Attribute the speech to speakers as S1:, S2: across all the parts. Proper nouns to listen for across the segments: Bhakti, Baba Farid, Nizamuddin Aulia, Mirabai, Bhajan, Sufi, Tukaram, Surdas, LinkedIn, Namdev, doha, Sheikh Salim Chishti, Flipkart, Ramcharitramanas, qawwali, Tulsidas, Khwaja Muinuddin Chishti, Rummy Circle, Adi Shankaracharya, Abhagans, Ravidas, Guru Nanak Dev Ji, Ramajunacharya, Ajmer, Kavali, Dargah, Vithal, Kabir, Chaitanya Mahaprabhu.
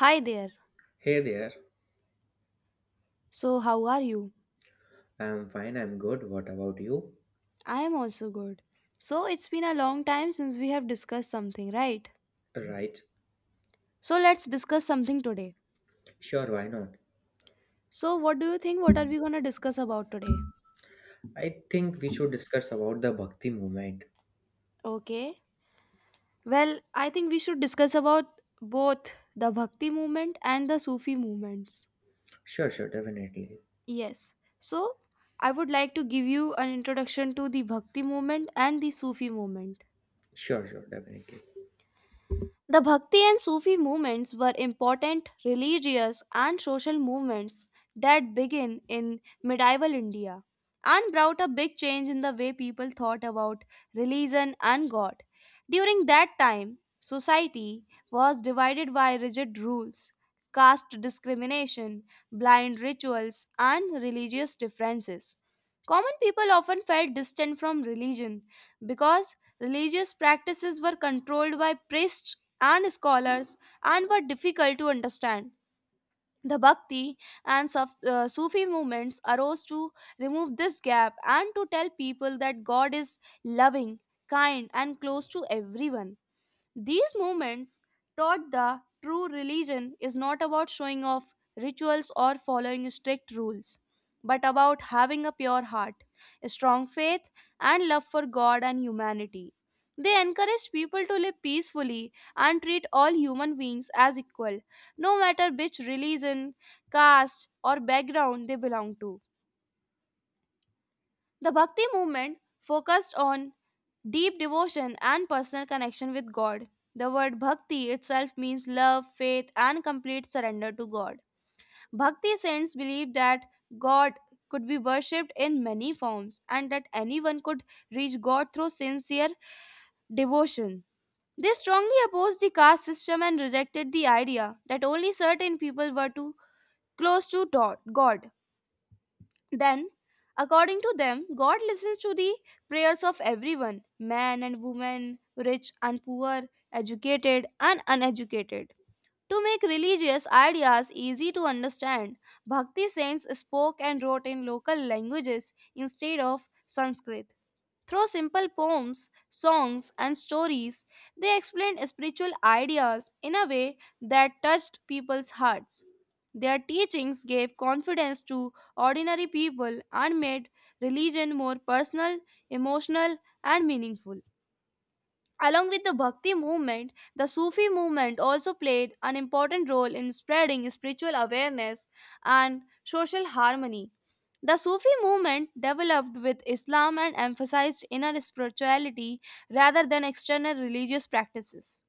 S1: Hi there.
S2: Hey there.
S1: So, how are you?
S2: I'm fine, I'm good. What about you?
S1: I am also good. So, it's been a long time since we have discussed something, right?
S2: Right,
S1: So, let's discuss something today.
S2: sure, why not?
S1: So, what do you think? What are we gonna discuss about today?
S2: I think we should discuss about the bhakti movement.
S1: Okay. Well, I think we should discuss about both the Bhakti movement and the Sufi movements.
S2: Sure, sure, definitely.
S1: Yes. So, I would like to give you an introduction to the Bhakti movement and the Sufi movement.
S2: Sure, sure, definitely.
S1: The Bhakti and Sufi movements were important religious and social movements that began in medieval India and brought a big change in the way people thought about religion and God. During that time, society was divided by rigid rules, caste discrimination, blind rituals, and religious differences. Common people often felt distant from religion because religious practices were controlled by priests and scholars and were difficult to understand. The Bhakti and Sufi movements arose to remove this gap and to tell people that God is loving, kind, and close to everyone. These movements taught the true religion is not about showing off rituals or following strict rules, but about having a pure heart, a strong faith, and love for God and humanity. They encourage people to live peacefully and treat all human beings as equal, no matter which religion, caste, or background they belong to. The Bhakti movement focused on deep devotion and personal connection with God. The word bhakti itself means love, faith, and complete surrender to God. Bhakti saints believed that God could be worshipped in many forms and that anyone could reach God through sincere devotion. They strongly opposed the caste system and rejected the idea that only certain people were too close to God. Then, according to them, God listens to the prayers of everyone man and woman, rich and poor, educated and uneducated. To make religious ideas easy to understand, Bhakti saints spoke and wrote in local languages instead of Sanskrit. Through simple poems, songs, and stories, they explained spiritual ideas in a way that touched people's hearts. Their teachings gave confidence to ordinary people and made religion more personal, emotional, and meaningful. Along with the Bhakti movement, the Sufi movement also played an important role in spreading spiritual awareness and social harmony. The Sufi movement developed with Islam and emphasized inner spirituality rather than external religious practices.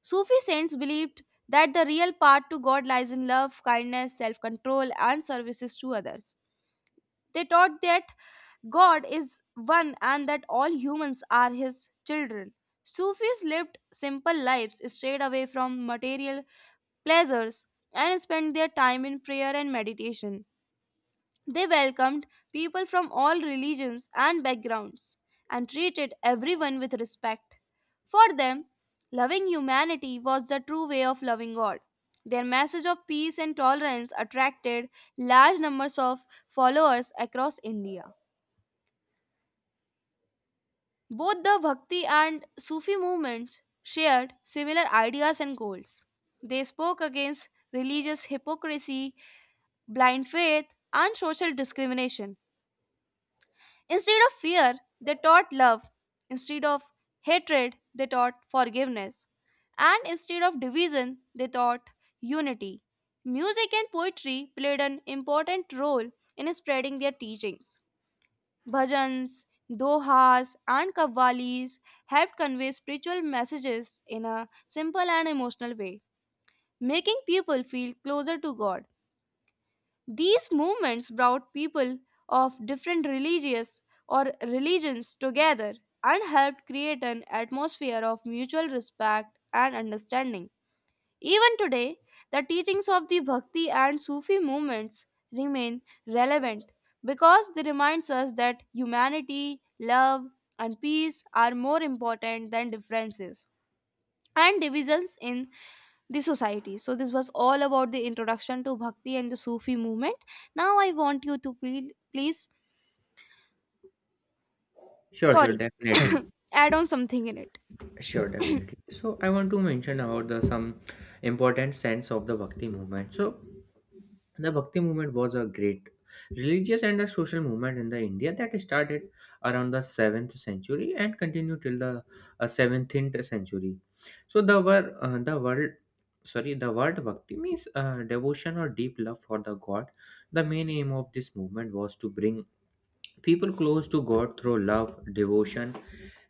S1: Sufi saints believed that the real path to God lies in love, kindness, self control, and services to others. They taught that God is one and that all humans are his children. Sufis lived simple lives, strayed away from material pleasures, and spent their time in prayer and meditation. They welcomed people from all religions and backgrounds and treated everyone with respect. For them, loving humanity was the true way of loving God. Their message of peace and tolerance attracted large numbers of followers across India. Both the Bhakti and Sufi movements shared similar ideas and goals. They spoke against religious hypocrisy, blind faith, and social discrimination. Instead of fear, they taught love. Instead of hatred, they taught forgiveness. And instead of division, they taught unity. Music and poetry played an important role in spreading their teachings. Bhajans, dohas, and kavalis helped convey spiritual messages in a simple and emotional way, making people feel closer to God. These movements brought people of different religious or religions together and helped create an atmosphere of mutual respect and understanding. Even today, the teachings of the Bhakti and Sufi movements remain relevant because they remind us that humanity, love, and peace are more important than differences and divisions in the society. So this was all about the introduction to Bhakti and the Sufi movement. Now I want you to please
S2: Sure, sure,
S1: sorry,
S2: definitely.
S1: add on something in it.
S2: Sure, definitely. So I want to mention about the some important sense of the Bhakti movement. So the Bhakti movement was a great religious and a social movement in the India that started around the 7th century and continued till the 17th century. So the word the world sorry the word Bhakti means devotion or deep love for the God. The main aim of this movement was to bring people close to God through love, devotion,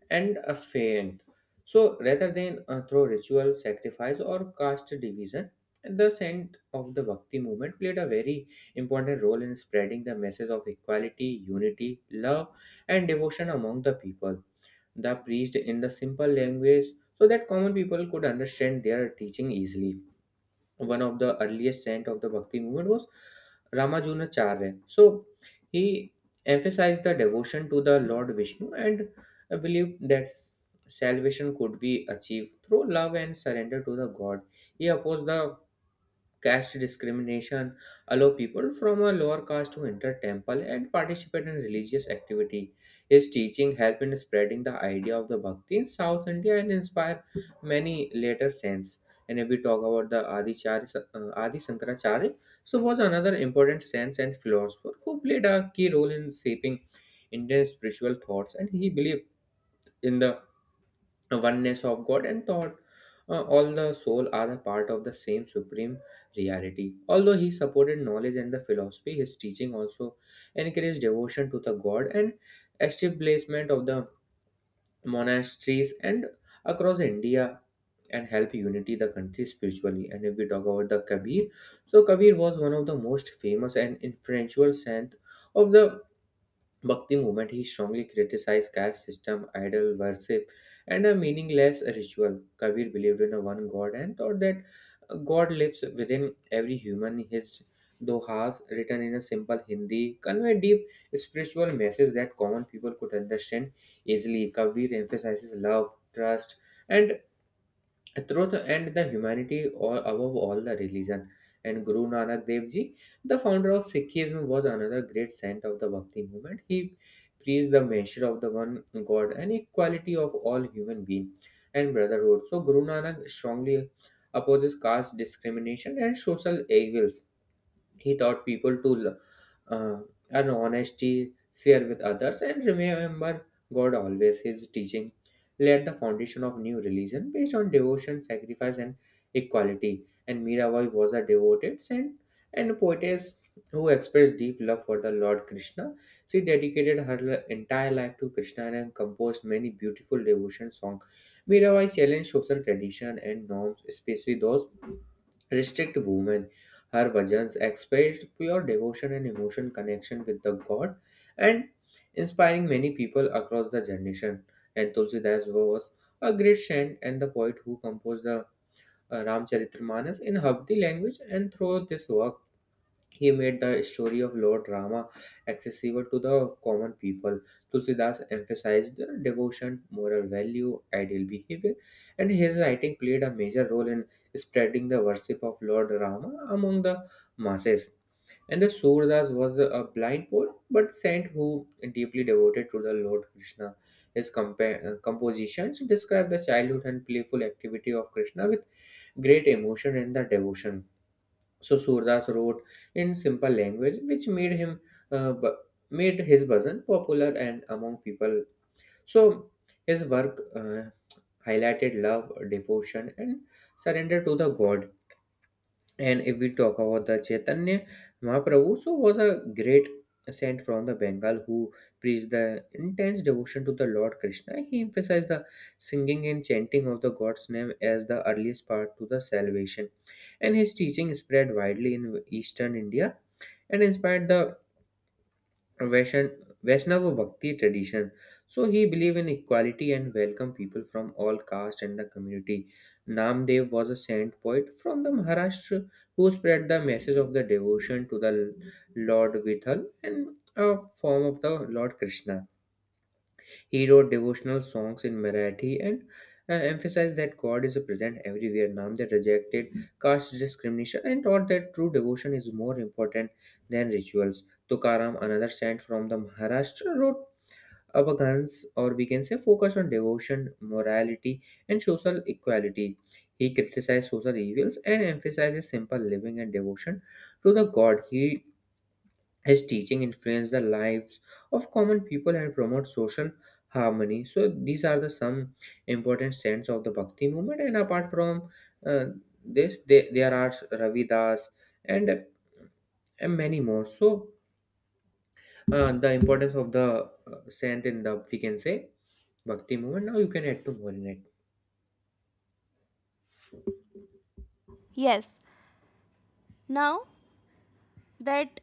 S2: and a faint. So rather than through ritual sacrifice or caste division, the scent of the Bhakti movement played a very important role in spreading the message of equality, unity, love, and devotion among the people. The priest in the simple language so that common people could understand their teaching easily. One of the earliest saint of the Bhakti movement was Ramajunacharya. So he emphasized the devotion to the Lord Vishnu and believed that salvation could be achieved through love and surrender to the God. He opposed the caste discrimination, allow people from a lower caste to enter temple and participate in religious activity. His teaching helped in spreading the idea of the bhakti in south India and inspire many later saints. And if we talk about the Adi Shankaracharya, so was another important saint and philosopher who played a key role in shaping Indian spiritual thoughts, and he believed in the oneness of God and thought all the soul are a part of the same supreme reality. Although he supported knowledge and the philosophy, his teaching also encouraged devotion to the God and establishment of the monasteries and across India, and help unity the country spiritually. And if we talk about the Kabir, so Kabir was one of the most famous and influential saint of the Bhakti movement. He strongly criticized caste system, idol worship, and a meaningless ritual. Kabir believed in a one God and thought that God lives within every human. His dohas, written in a simple Hindi, convey deep spiritual message that common people could understand easily. Kabir emphasizes love, trust, and through the end, the humanity or above all the religion. And Guru Nanak Dev Ji, the founder of Sikhism, was another great saint of the Bhakti movement. He preached the measure of the one God and equality of all human beings and brotherhood. So Guru Nanak strongly opposes caste discrimination and social evils. He taught people to uh, earn honesty, share with others, and remember God always. His teaching laid the foundation of new religion based on devotion, sacrifice, and equality. And Mirabai was a devoted saint and poetess who expressed deep love for the Lord Krishna. She dedicated entire life to Krishna and composed many beautiful devotion songs. Mirabai challenged social tradition and norms, especially those restrict women. Her bhajans expressed pure devotion and emotion connection with the god, and inspiring many people across the generation. And Tulsidas was a great saint and the poet who composed the Ramcharitramanas in Habdi language, and through this work he made the story of Lord Rama accessible to the common people. Tulsidas emphasized the devotion, moral value, ideal behavior, and his writing played a major role in spreading the worship of Lord Rama among the masses. And the Surdas was a blind poet but saint who deeply devoted to the Lord Krishna. His compositions describe the childhood and playful activity of Krishna with great emotion and the devotion. So Surdas wrote in simple language, which uh, bu- made his bhajan popular and among people. So his work highlighted love, devotion, and surrender to the God. And if we talk about the Chaitanya Mahaprabhu, so was a great saint from the Bengal who preached the intense devotion to the Lord Krishna. He emphasized the singing and chanting of the God's name as the earliest part to the salvation. And his teaching spread widely in eastern India and inspired the Vaishan- Vaishnava Bhakti tradition. So he believed in equality and welcomed people from all caste and the community. Namdev was a saint poet from the Maharashtra who spread the message of the devotion to the Lord Vithal and a form of the Lord Krishna. He wrote devotional songs in Marathi and emphasized that God is present everywhere. Namdev rejected caste discrimination and taught that true devotion is more important than rituals. Tukaram, another saint from the Maharashtra, wrote Abhagans, or we can say focus on devotion, morality, and social equality. He criticized social evils and emphasizes simple living and devotion to the God. He His teaching influenced the lives of common people and promote social harmony. So these are the some important strands of the bhakti movement. And apart from uh, this, there are Ravidas and, and many more. So the importance of the saint in the, we can say, bhakti movement. Now you can add to more in it.
S1: Yes. Now that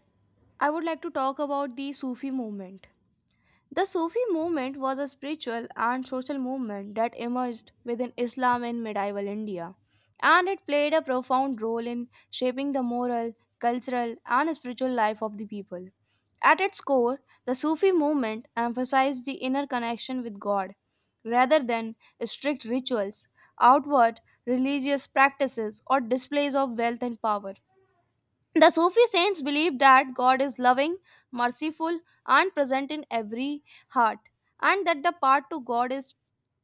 S1: I would like to talk about the Sufi movement. The Sufi movement was a spiritual and social movement that emerged within Islam in medieval India, and it played a profound role in shaping the moral, cultural, and spiritual life of the people. At its core, the Sufi movement emphasized the inner connection with God rather than strict rituals, outward religious practices, or displays of wealth and power. The Sufi saints believe that God is loving, merciful, and present in every heart, and that the path to God is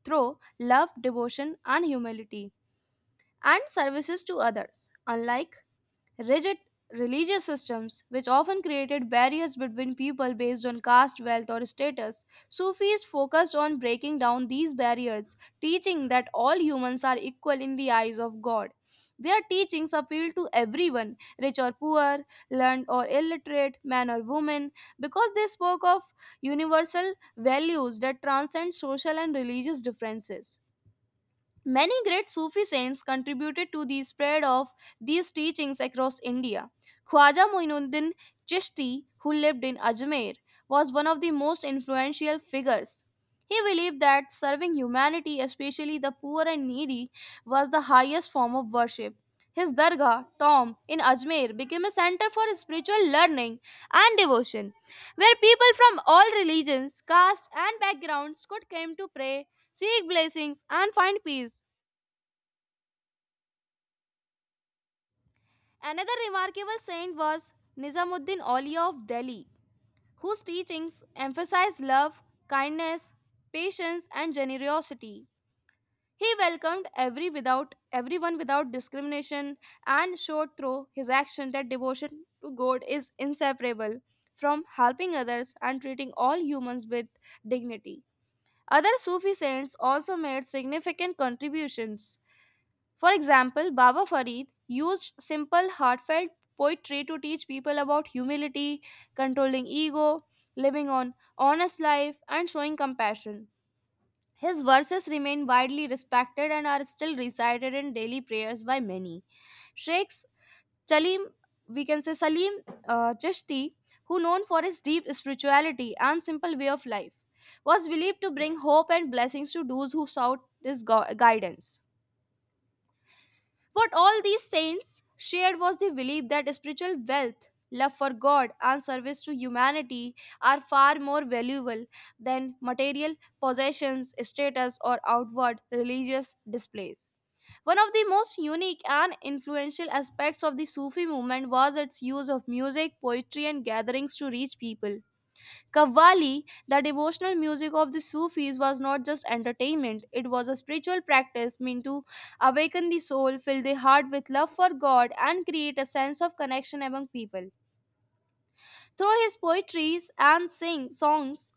S1: through love, devotion, and humility, and services to others. Unlike rigid religious systems, which often created barriers between people based on caste, wealth, or status. Sufis focused on breaking down these barriers, teaching that all humans are equal in the eyes of God. Their teachings appeal to everyone, rich or poor, learned or illiterate, man or woman, because they spoke of universal values that transcend social and religious differences. Many great Sufi saints contributed to the spread of these teachings across India. Khwaja Muinuddin Chishti, who lived in Ajmer, was one of the most influential figures. He believed that serving humanity, especially the poor and needy, was the highest form of worship his Dargah, Tom, in Ajmer became a center for spiritual learning and devotion, where people from all religions, castes, and backgrounds could come to pray, seek blessings, and find peace. Another remarkable saint was Nizamuddin Aulia of Delhi, whose teachings emphasized love, kindness, patience, and generosity. He welcomed everyone without discrimination and showed through his action that devotion to God is inseparable from helping others and treating all humans with dignity. Other Sufi saints also made significant contributions. For example, Baba Farid used simple, heartfelt poetry to teach people about humility, controlling ego, living an honest life, and showing compassion. His verses remain widely respected and are still recited in daily prayers by many. Sheikhs Salim, we can say Salim Chishti, who known for his deep spirituality and simple way of life, was believed to bring hope and blessings to those who sought this guidance. What all these saints shared was the belief that spiritual wealth, love for God, and service to humanity are far more valuable than material possessions, status, or outward religious displays. One of the most unique and influential aspects of the Sufi movement was its use of music, poetry, and gatherings to reach people. Kavali, the devotional music of the Sufis, was not just entertainment, it was a spiritual practice meant to awaken the soul, fill the heart with love for God, and create a sense of connection among people. Through his poetries and sing songs,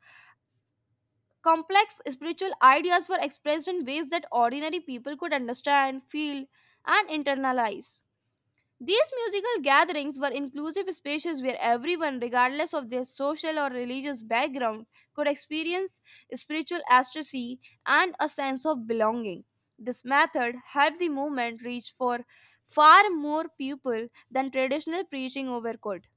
S1: complex spiritual ideas were expressed in ways that ordinary people could understand, feel, and internalize. These musical gatherings were inclusive spaces where everyone, regardless of their social or religious background, could experience spiritual ecstasy and a sense of belonging. This method helped the movement reach for far more people than traditional preaching ever could.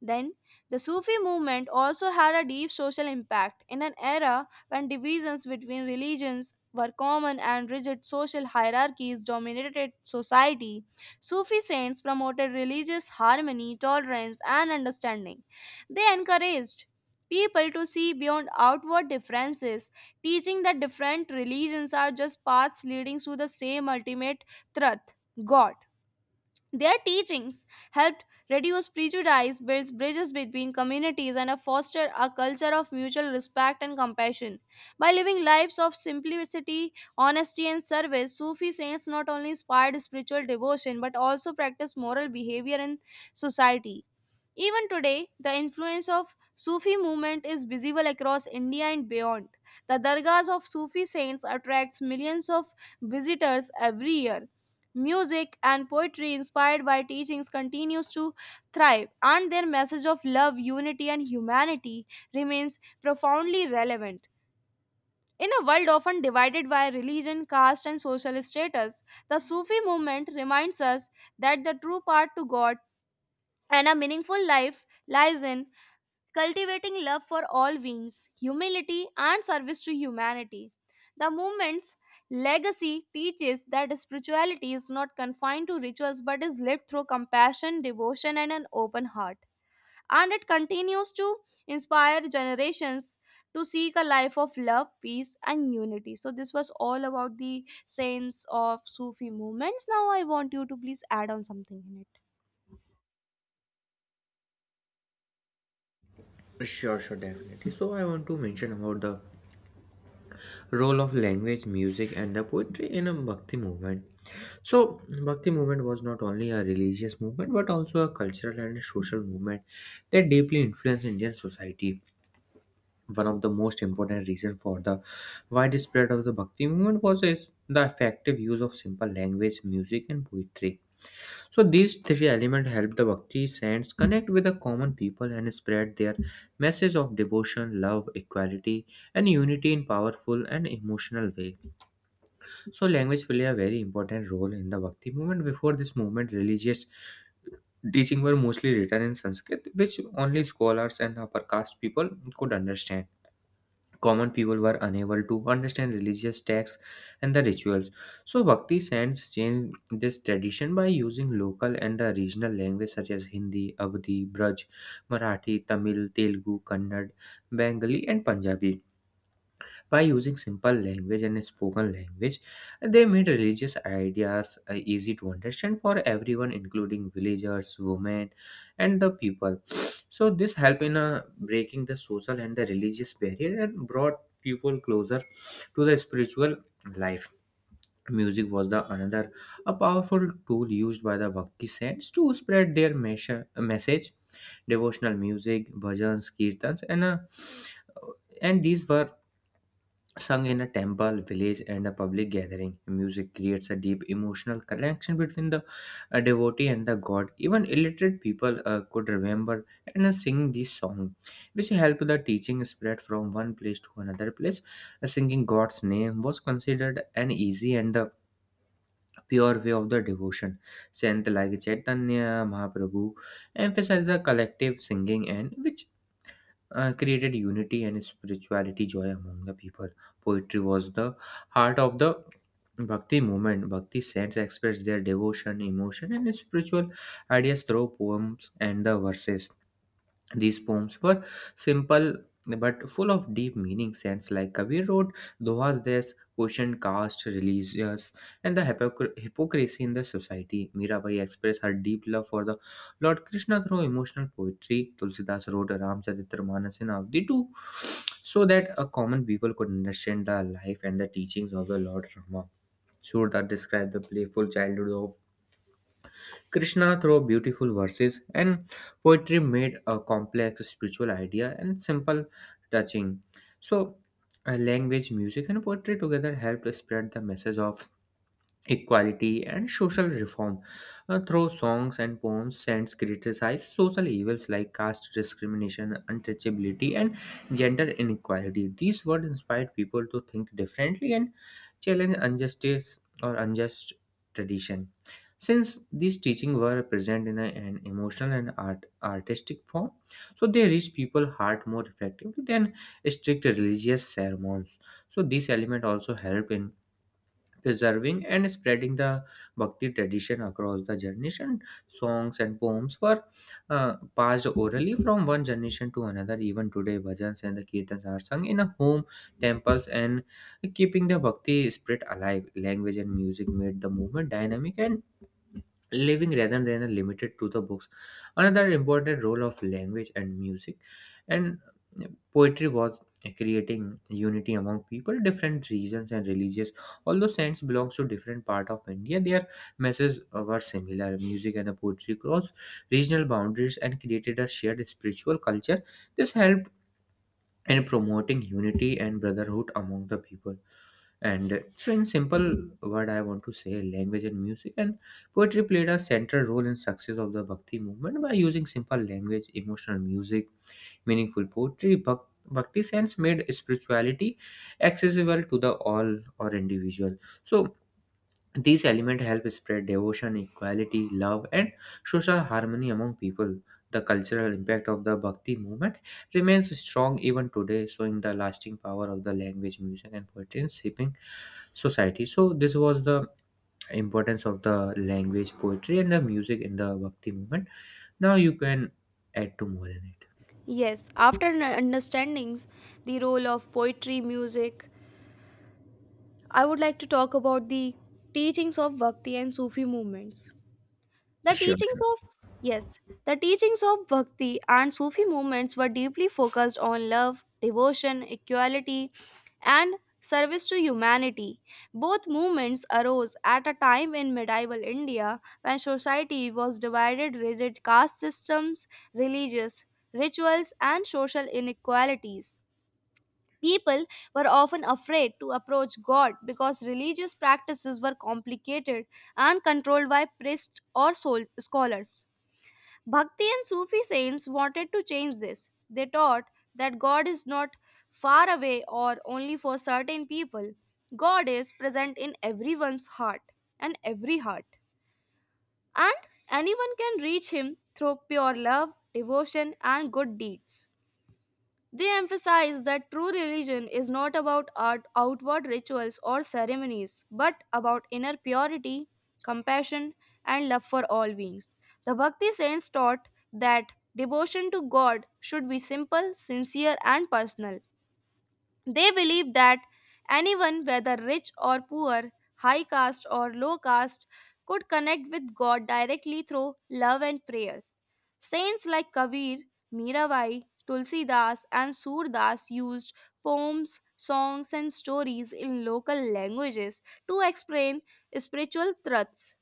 S1: Then, the Sufi movement also had a deep social impact in an era when divisions between religions were common and rigid social hierarchies dominated society. Sufi saints promoted religious harmony, tolerance, and understanding. They encouraged people to see beyond outward differences, teaching that different religions are just paths leading to the same ultimate truth God. Their teachings helped reduce prejudice, builds bridges between communities, and foster a culture of mutual respect and compassion. By living lives of simplicity, honesty, and service, Sufi saints not only inspired spiritual devotion but also practiced moral behavior in society. Even today, the influence of Sufi movement is visible across India and beyond. The dargahs of Sufi saints attracts millions of visitors every year. Music and poetry inspired by teachings continues to thrive and their message of love, unity and humanity remains profoundly relevant. In a world often divided by religion, caste and social status, the Sufi movement reminds us that the true path to God and a meaningful life lies in cultivating love for all beings, humility, and service to humanity. The movement's legacy teaches that spirituality is not confined to rituals but is lived through compassion, devotion, and an open heart. And it continues to inspire generations to seek a life of love, peace, and unity. So, this was all about the saints of Sufi movements. Now, I want you to please add on something in it.
S2: Sure, sure, definitely. So I want to mention about the role of language, music, and the poetry in a bhakti movement. So, Bhakti movement was not only a religious movement but also a cultural and social movement that deeply influenced Indian society. One of the most important reasons for the widespread of the Bhakti movement was its, the effective use of simple language, music, and poetry. So, these three elements helped the Bhakti saints connect with the common people and spread their message of devotion, love, equality, and unity in powerful and emotional ways. So language play a very important role in the Bhakti movement. Before this movement, religious teaching were mostly written in Sanskrit, which only scholars and upper caste people could understand. Common people were unable to understand religious texts and the rituals. So Bhakti saints changed this tradition by using local and the regional language such as Hindi, Abdi, Braj, Marathi, Tamil, Telugu, Kannad, Bengali, and Punjabi. By using simple language and spoken language, they made religious ideas easy to understand for everyone, including villagers, women, and the people. So this helped in breaking the social and the religious barrier and brought people closer to the spiritual life. Music was the another a powerful tool used by the bhakti saints to spread their message. Devotional music, bhajans, kirtans, and these were sung in a temple, village, and a public gathering. Music creates a deep emotional connection between the devotee and the god. Even illiterate people could remember and sing this song, which helped the teaching spread from one place to another place. Singing God's name was considered an easy and the pure way of the devotion. Saint like Chaitanya Mahaprabhu emphasized the collective singing, and which created unity and spirituality joy among the people. Poetry was the heart of the bhakti movement. Bhakti saints expressed their devotion, emotion, and spiritual ideas through poems and the verses. These poems were simple but full of deep meaning. Sense like Kabir wrote, Doha's there's questioned caste, religious, and the hypocrisy in the society. Mirabai expressed her deep love for the Lord Krishna through emotional poetry. Tulsidas wrote Ramcharitramanas in Avdi too, so that a common people could understand the life and the teachings of the Lord Rama. Surdar described the playful childhood of Krishna. Through beautiful verses and poetry, made a complex spiritual idea and simple touching. So, language, music, and poetry together helped spread the message of equality, and social reform through songs and poems. Saints criticized social evils like caste discrimination, untouchability, and gender inequality. These words inspired people to think differently and challenge injustice or unjust tradition. Since these teachings were present in an emotional and artistic form, so they reach people heart more effectively than strict religious sermons. So this element also help in preserving and spreading the bhakti tradition across the generation. Songs and poems were passed orally from one generation to another. Even today bhajans and the kirtans are sung in a home, temples, and keeping the bhakti spirit alive. Language and music made the movement dynamic and living rather than limited to the books. Another important role of language and music and poetry was creating unity among people, different regions and religious. Although saints belongs to different part of India, their messages were similar. Music and the poetry crossed regional boundaries and created a shared spiritual culture. This helped in promoting unity and brotherhood among the people. And so, in simple word, I want to say language and music and poetry played a central role in success of the Bhakti movement. By using simple language, emotional music, meaningful poetry, Bhakti sense made spirituality accessible to the all or individual. So these elements help spread devotion, equality, love, and social harmony among people. The cultural impact of the Bhakti movement remains strong even today, showing the lasting power of the language, music, and poetry in shaping society. So this was the importance of the language, poetry, and the music in the Bhakti movement. Now you can add to more in it.
S1: Yes, after understandings, the role of poetry, music, I would like to talk about the teachings of Bhakti and Sufi movements. The
S2: Sure,
S1: teachings
S2: sure,
S1: of, yes, the teachings of Bhakti and Sufi movements were deeply focused on love, devotion, equality, and service to humanity. Both movements arose at a time in medieval India when society was divided rigid caste systems, religious rituals, and social inequalities. People were often afraid to approach God because religious practices were complicated and controlled by priests or scholars. Bhakti and Sufi saints wanted to change this. They taught that God is not far away or only for certain people. God is present in everyone's heart and every heart. And anyone can reach Him through pure love, devotion, and good deeds. They emphasize that true religion is not about outward rituals or ceremonies, but about inner purity, compassion, and love for all beings. The Bhakti saints taught that devotion to God should be simple, sincere, and personal, they believe that anyone, whether rich or poor, high caste or low caste, could connect with God directly through love and prayers. Saints like Kabir, Mirabai, Tulsidas, and Surdas used poems, songs, and stories in local languages to explain spiritual truths.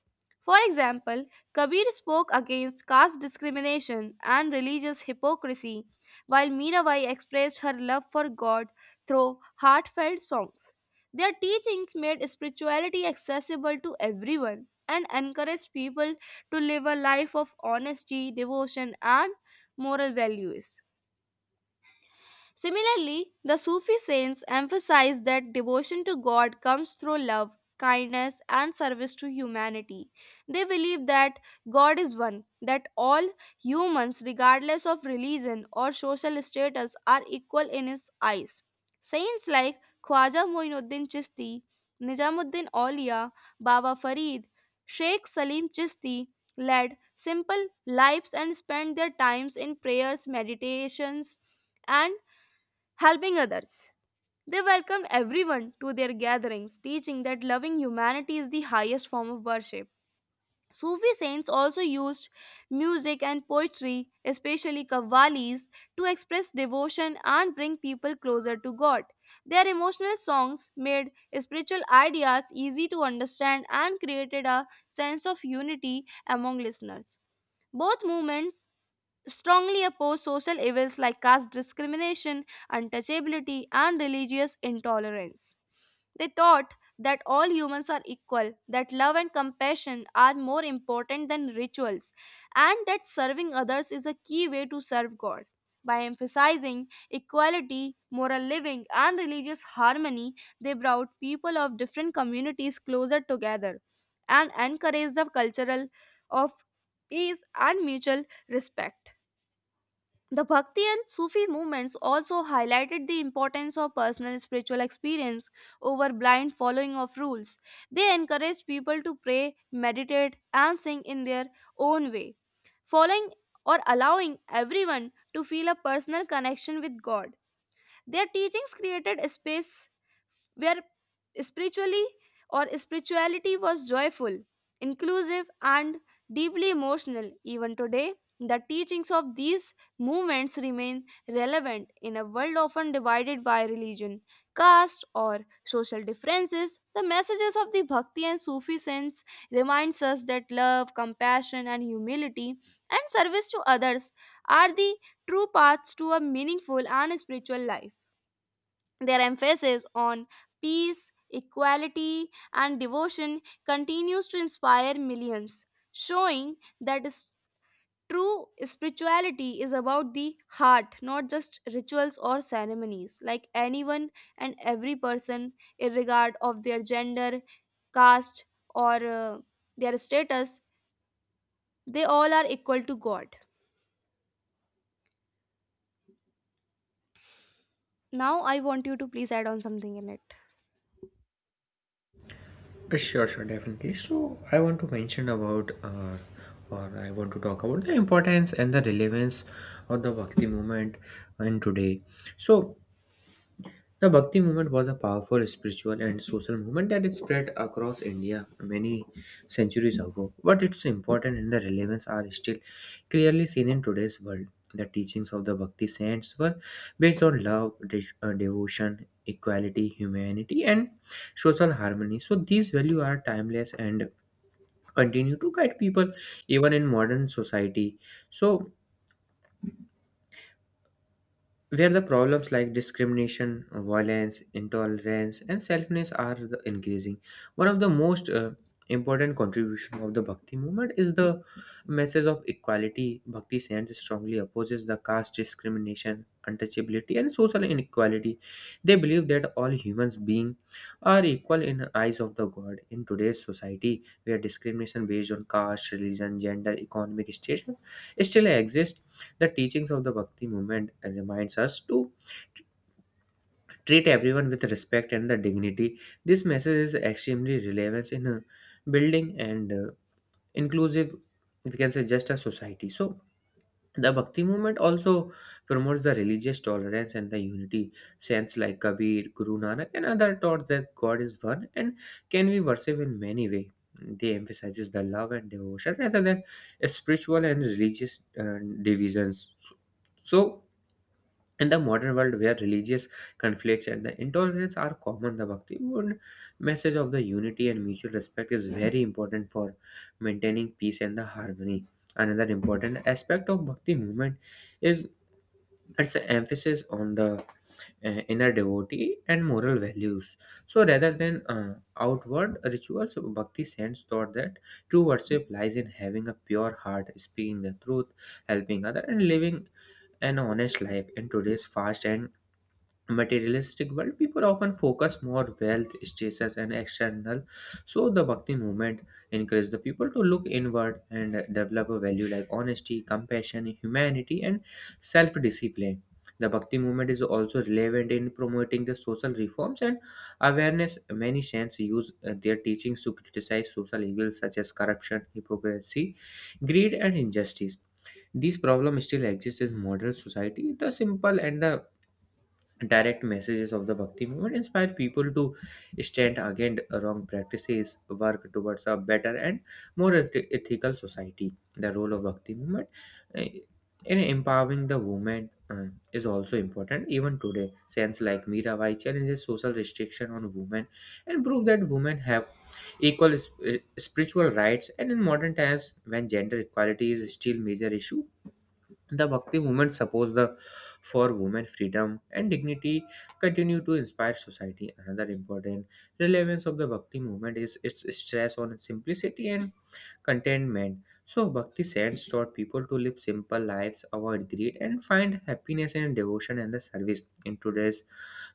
S1: For example, Kabir spoke against caste discrimination and religious hypocrisy, while Mirabai expressed her love for God through heartfelt songs. Their teachings made spirituality accessible to everyone and encouraged people to live a life of honesty, devotion, and moral values. Similarly, the Sufi saints emphasize that devotion to God comes through love, kindness, and service to humanity. They believe that God is one, that all humans, regardless of religion or social status, are equal in His eyes. Saints like Khwaja Moinuddin Chisti, Nizamuddin Aulia, Baba Farid, Sheikh Salim Chisti led simple lives and spent their times in prayers, meditations, and helping others. They welcomed everyone to their gatherings, teaching that loving humanity is the highest form of worship. Sufi saints also used music and poetry, especially qawwalis, to express devotion and bring people closer to God. Their emotional songs made spiritual ideas easy to understand and created a sense of unity among listeners. Both movements strongly oppose social evils like caste discrimination, untouchability, and religious intolerance. They thought that all humans are equal, that love and compassion are more important than rituals, and that serving others is a key way to serve God. By emphasizing equality, moral living, and religious harmony, they brought people of different communities closer together and encouraged a cultural of peace and mutual respect. The Bhakti and Sufi movements also highlighted the importance of personal spiritual experience over blind following of rules. They encouraged people to pray, meditate, and sing in their own way, following or allowing everyone to feel a personal connection with God. Their teachings created a space where spiritually or spirituality was joyful, inclusive, and deeply emotional. Even today, the teachings of these movements remain relevant in a world often divided by religion, caste, or social differences. The messages of the Bhakti and Sufi sense reminds us that love, compassion, and humility and service to others are the true paths to a meaningful and spiritual life. Their emphasis on peace, equality, and devotion continues to inspire millions, showing that true spirituality is about the heart, not just rituals or ceremonies. Like anyone and every person, regard of their gender, caste, or their status, they all are equal to God. Now, I want you to please add on something in it.
S2: sure, definitely. So I want to mention or I want to talk about the importance and the relevance of the Bhakti movement in today. So the Bhakti movement was a powerful spiritual and social movement that is spread across India many centuries ago, but its importance and the relevance are still clearly seen in today's world. The teachings of the Bhakti saints were based on love, devotion, equality, humanity, and social harmony. So these values are timeless and continue to guide people even in modern society. So where the problems like discrimination, violence, intolerance, and selfness are the increasing. One of the most important contribution of the Bhakti movement is the message of equality. Bhakti sends strongly opposes the caste discrimination, untouchability, and social inequality. They believe that all humans beings are equal in the eyes of the God. In today's society, where discrimination based on caste, religion, gender, economic status still exists, the teachings of the Bhakti movement reminds us to t- treat everyone with respect and the dignity. This message is extremely relevant in building and inclusive, we can say, just a society. So the Bhakti movement also promotes the religious tolerance and the unity. Saints like Kabir, Guru Nanak, and other taught that God is one and can be worshipped in many ways. They emphasizes the love and devotion rather than spiritual and religious divisions. So in the modern world where religious conflicts and the intolerance are common, the Bhakti Bund message of the unity and mutual respect is very important for maintaining peace and the harmony. Another important aspect of Bhakti movement is its emphasis on the uh, inner devotee and moral values. So rather than outward rituals, Bhakti sends thought that true worship lies in having a pure heart, speaking the truth, helping other, and living an honest life in today's fast and materialistic world, people often focus more wealth, status, and external. So the Bhakti movement encouraged the people to look inward and develop a value like honesty, compassion, humanity, and self-discipline. The Bhakti movement is also relevant in promoting the social reforms and awareness. Many saints use their teachings to criticize social evils such as corruption, hypocrisy, greed, and injustice. These problems still exist in modern society. The simple and the direct messages of the Bhakti movement inspire people to stand against wrong practices work towards a better and more ethical society. The role of Bhakti movement uh, in empowering the women is also important even today. Saints like Mirabai challenges social restriction on women and prove that women have equal spiritual rights, and in modern times when gender equality is still major issue, the Bhakti movement supports the for women freedom and dignity continue to inspire society. Another important relevance of the Bhakti movement is its stress on simplicity and contentment. So Bhakti saints taught people to live simple lives, avoid greed, and find happiness and devotion in the service. In today's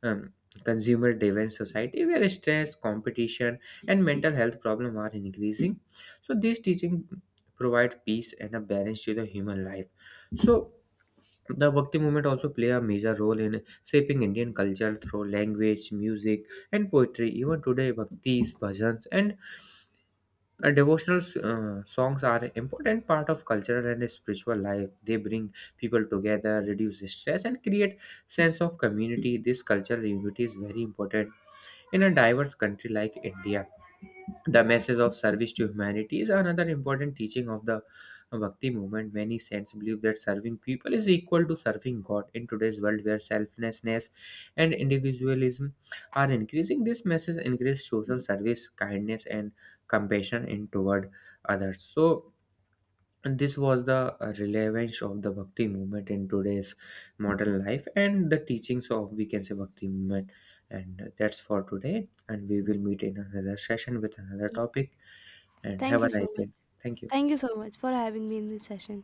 S2: um, consumer-driven society, where stress, competition, and mental health problems are increasing, so these teaching provide peace and a balance to the human life. So the Bhakti movement also play a major role in shaping Indian culture through language, music, and poetry. Even today, bhaktis, bhajans, and devotional songs are an important part of cultural and spiritual life. They bring people together, reduce stress, and create sense of community. This cultural unity is very important in a diverse country like India. The message of service to humanity is another important teaching of the Bhakti movement. Many saints believe that serving people is equal to serving God. In today's world where selflessness and individualism are increasing, this message encourages social service, kindness, and compassion in toward others. So, this was the relevance of the Bhakti movement in today's modern life and the teachings of, we can say, Bhakti movement. And that's for today, and we will meet in another session with another topic and have
S1: Thank
S2: a
S1: you
S2: nice
S1: so
S2: day.
S1: much.
S2: Thank you.
S1: Thank you so much for having me in this session.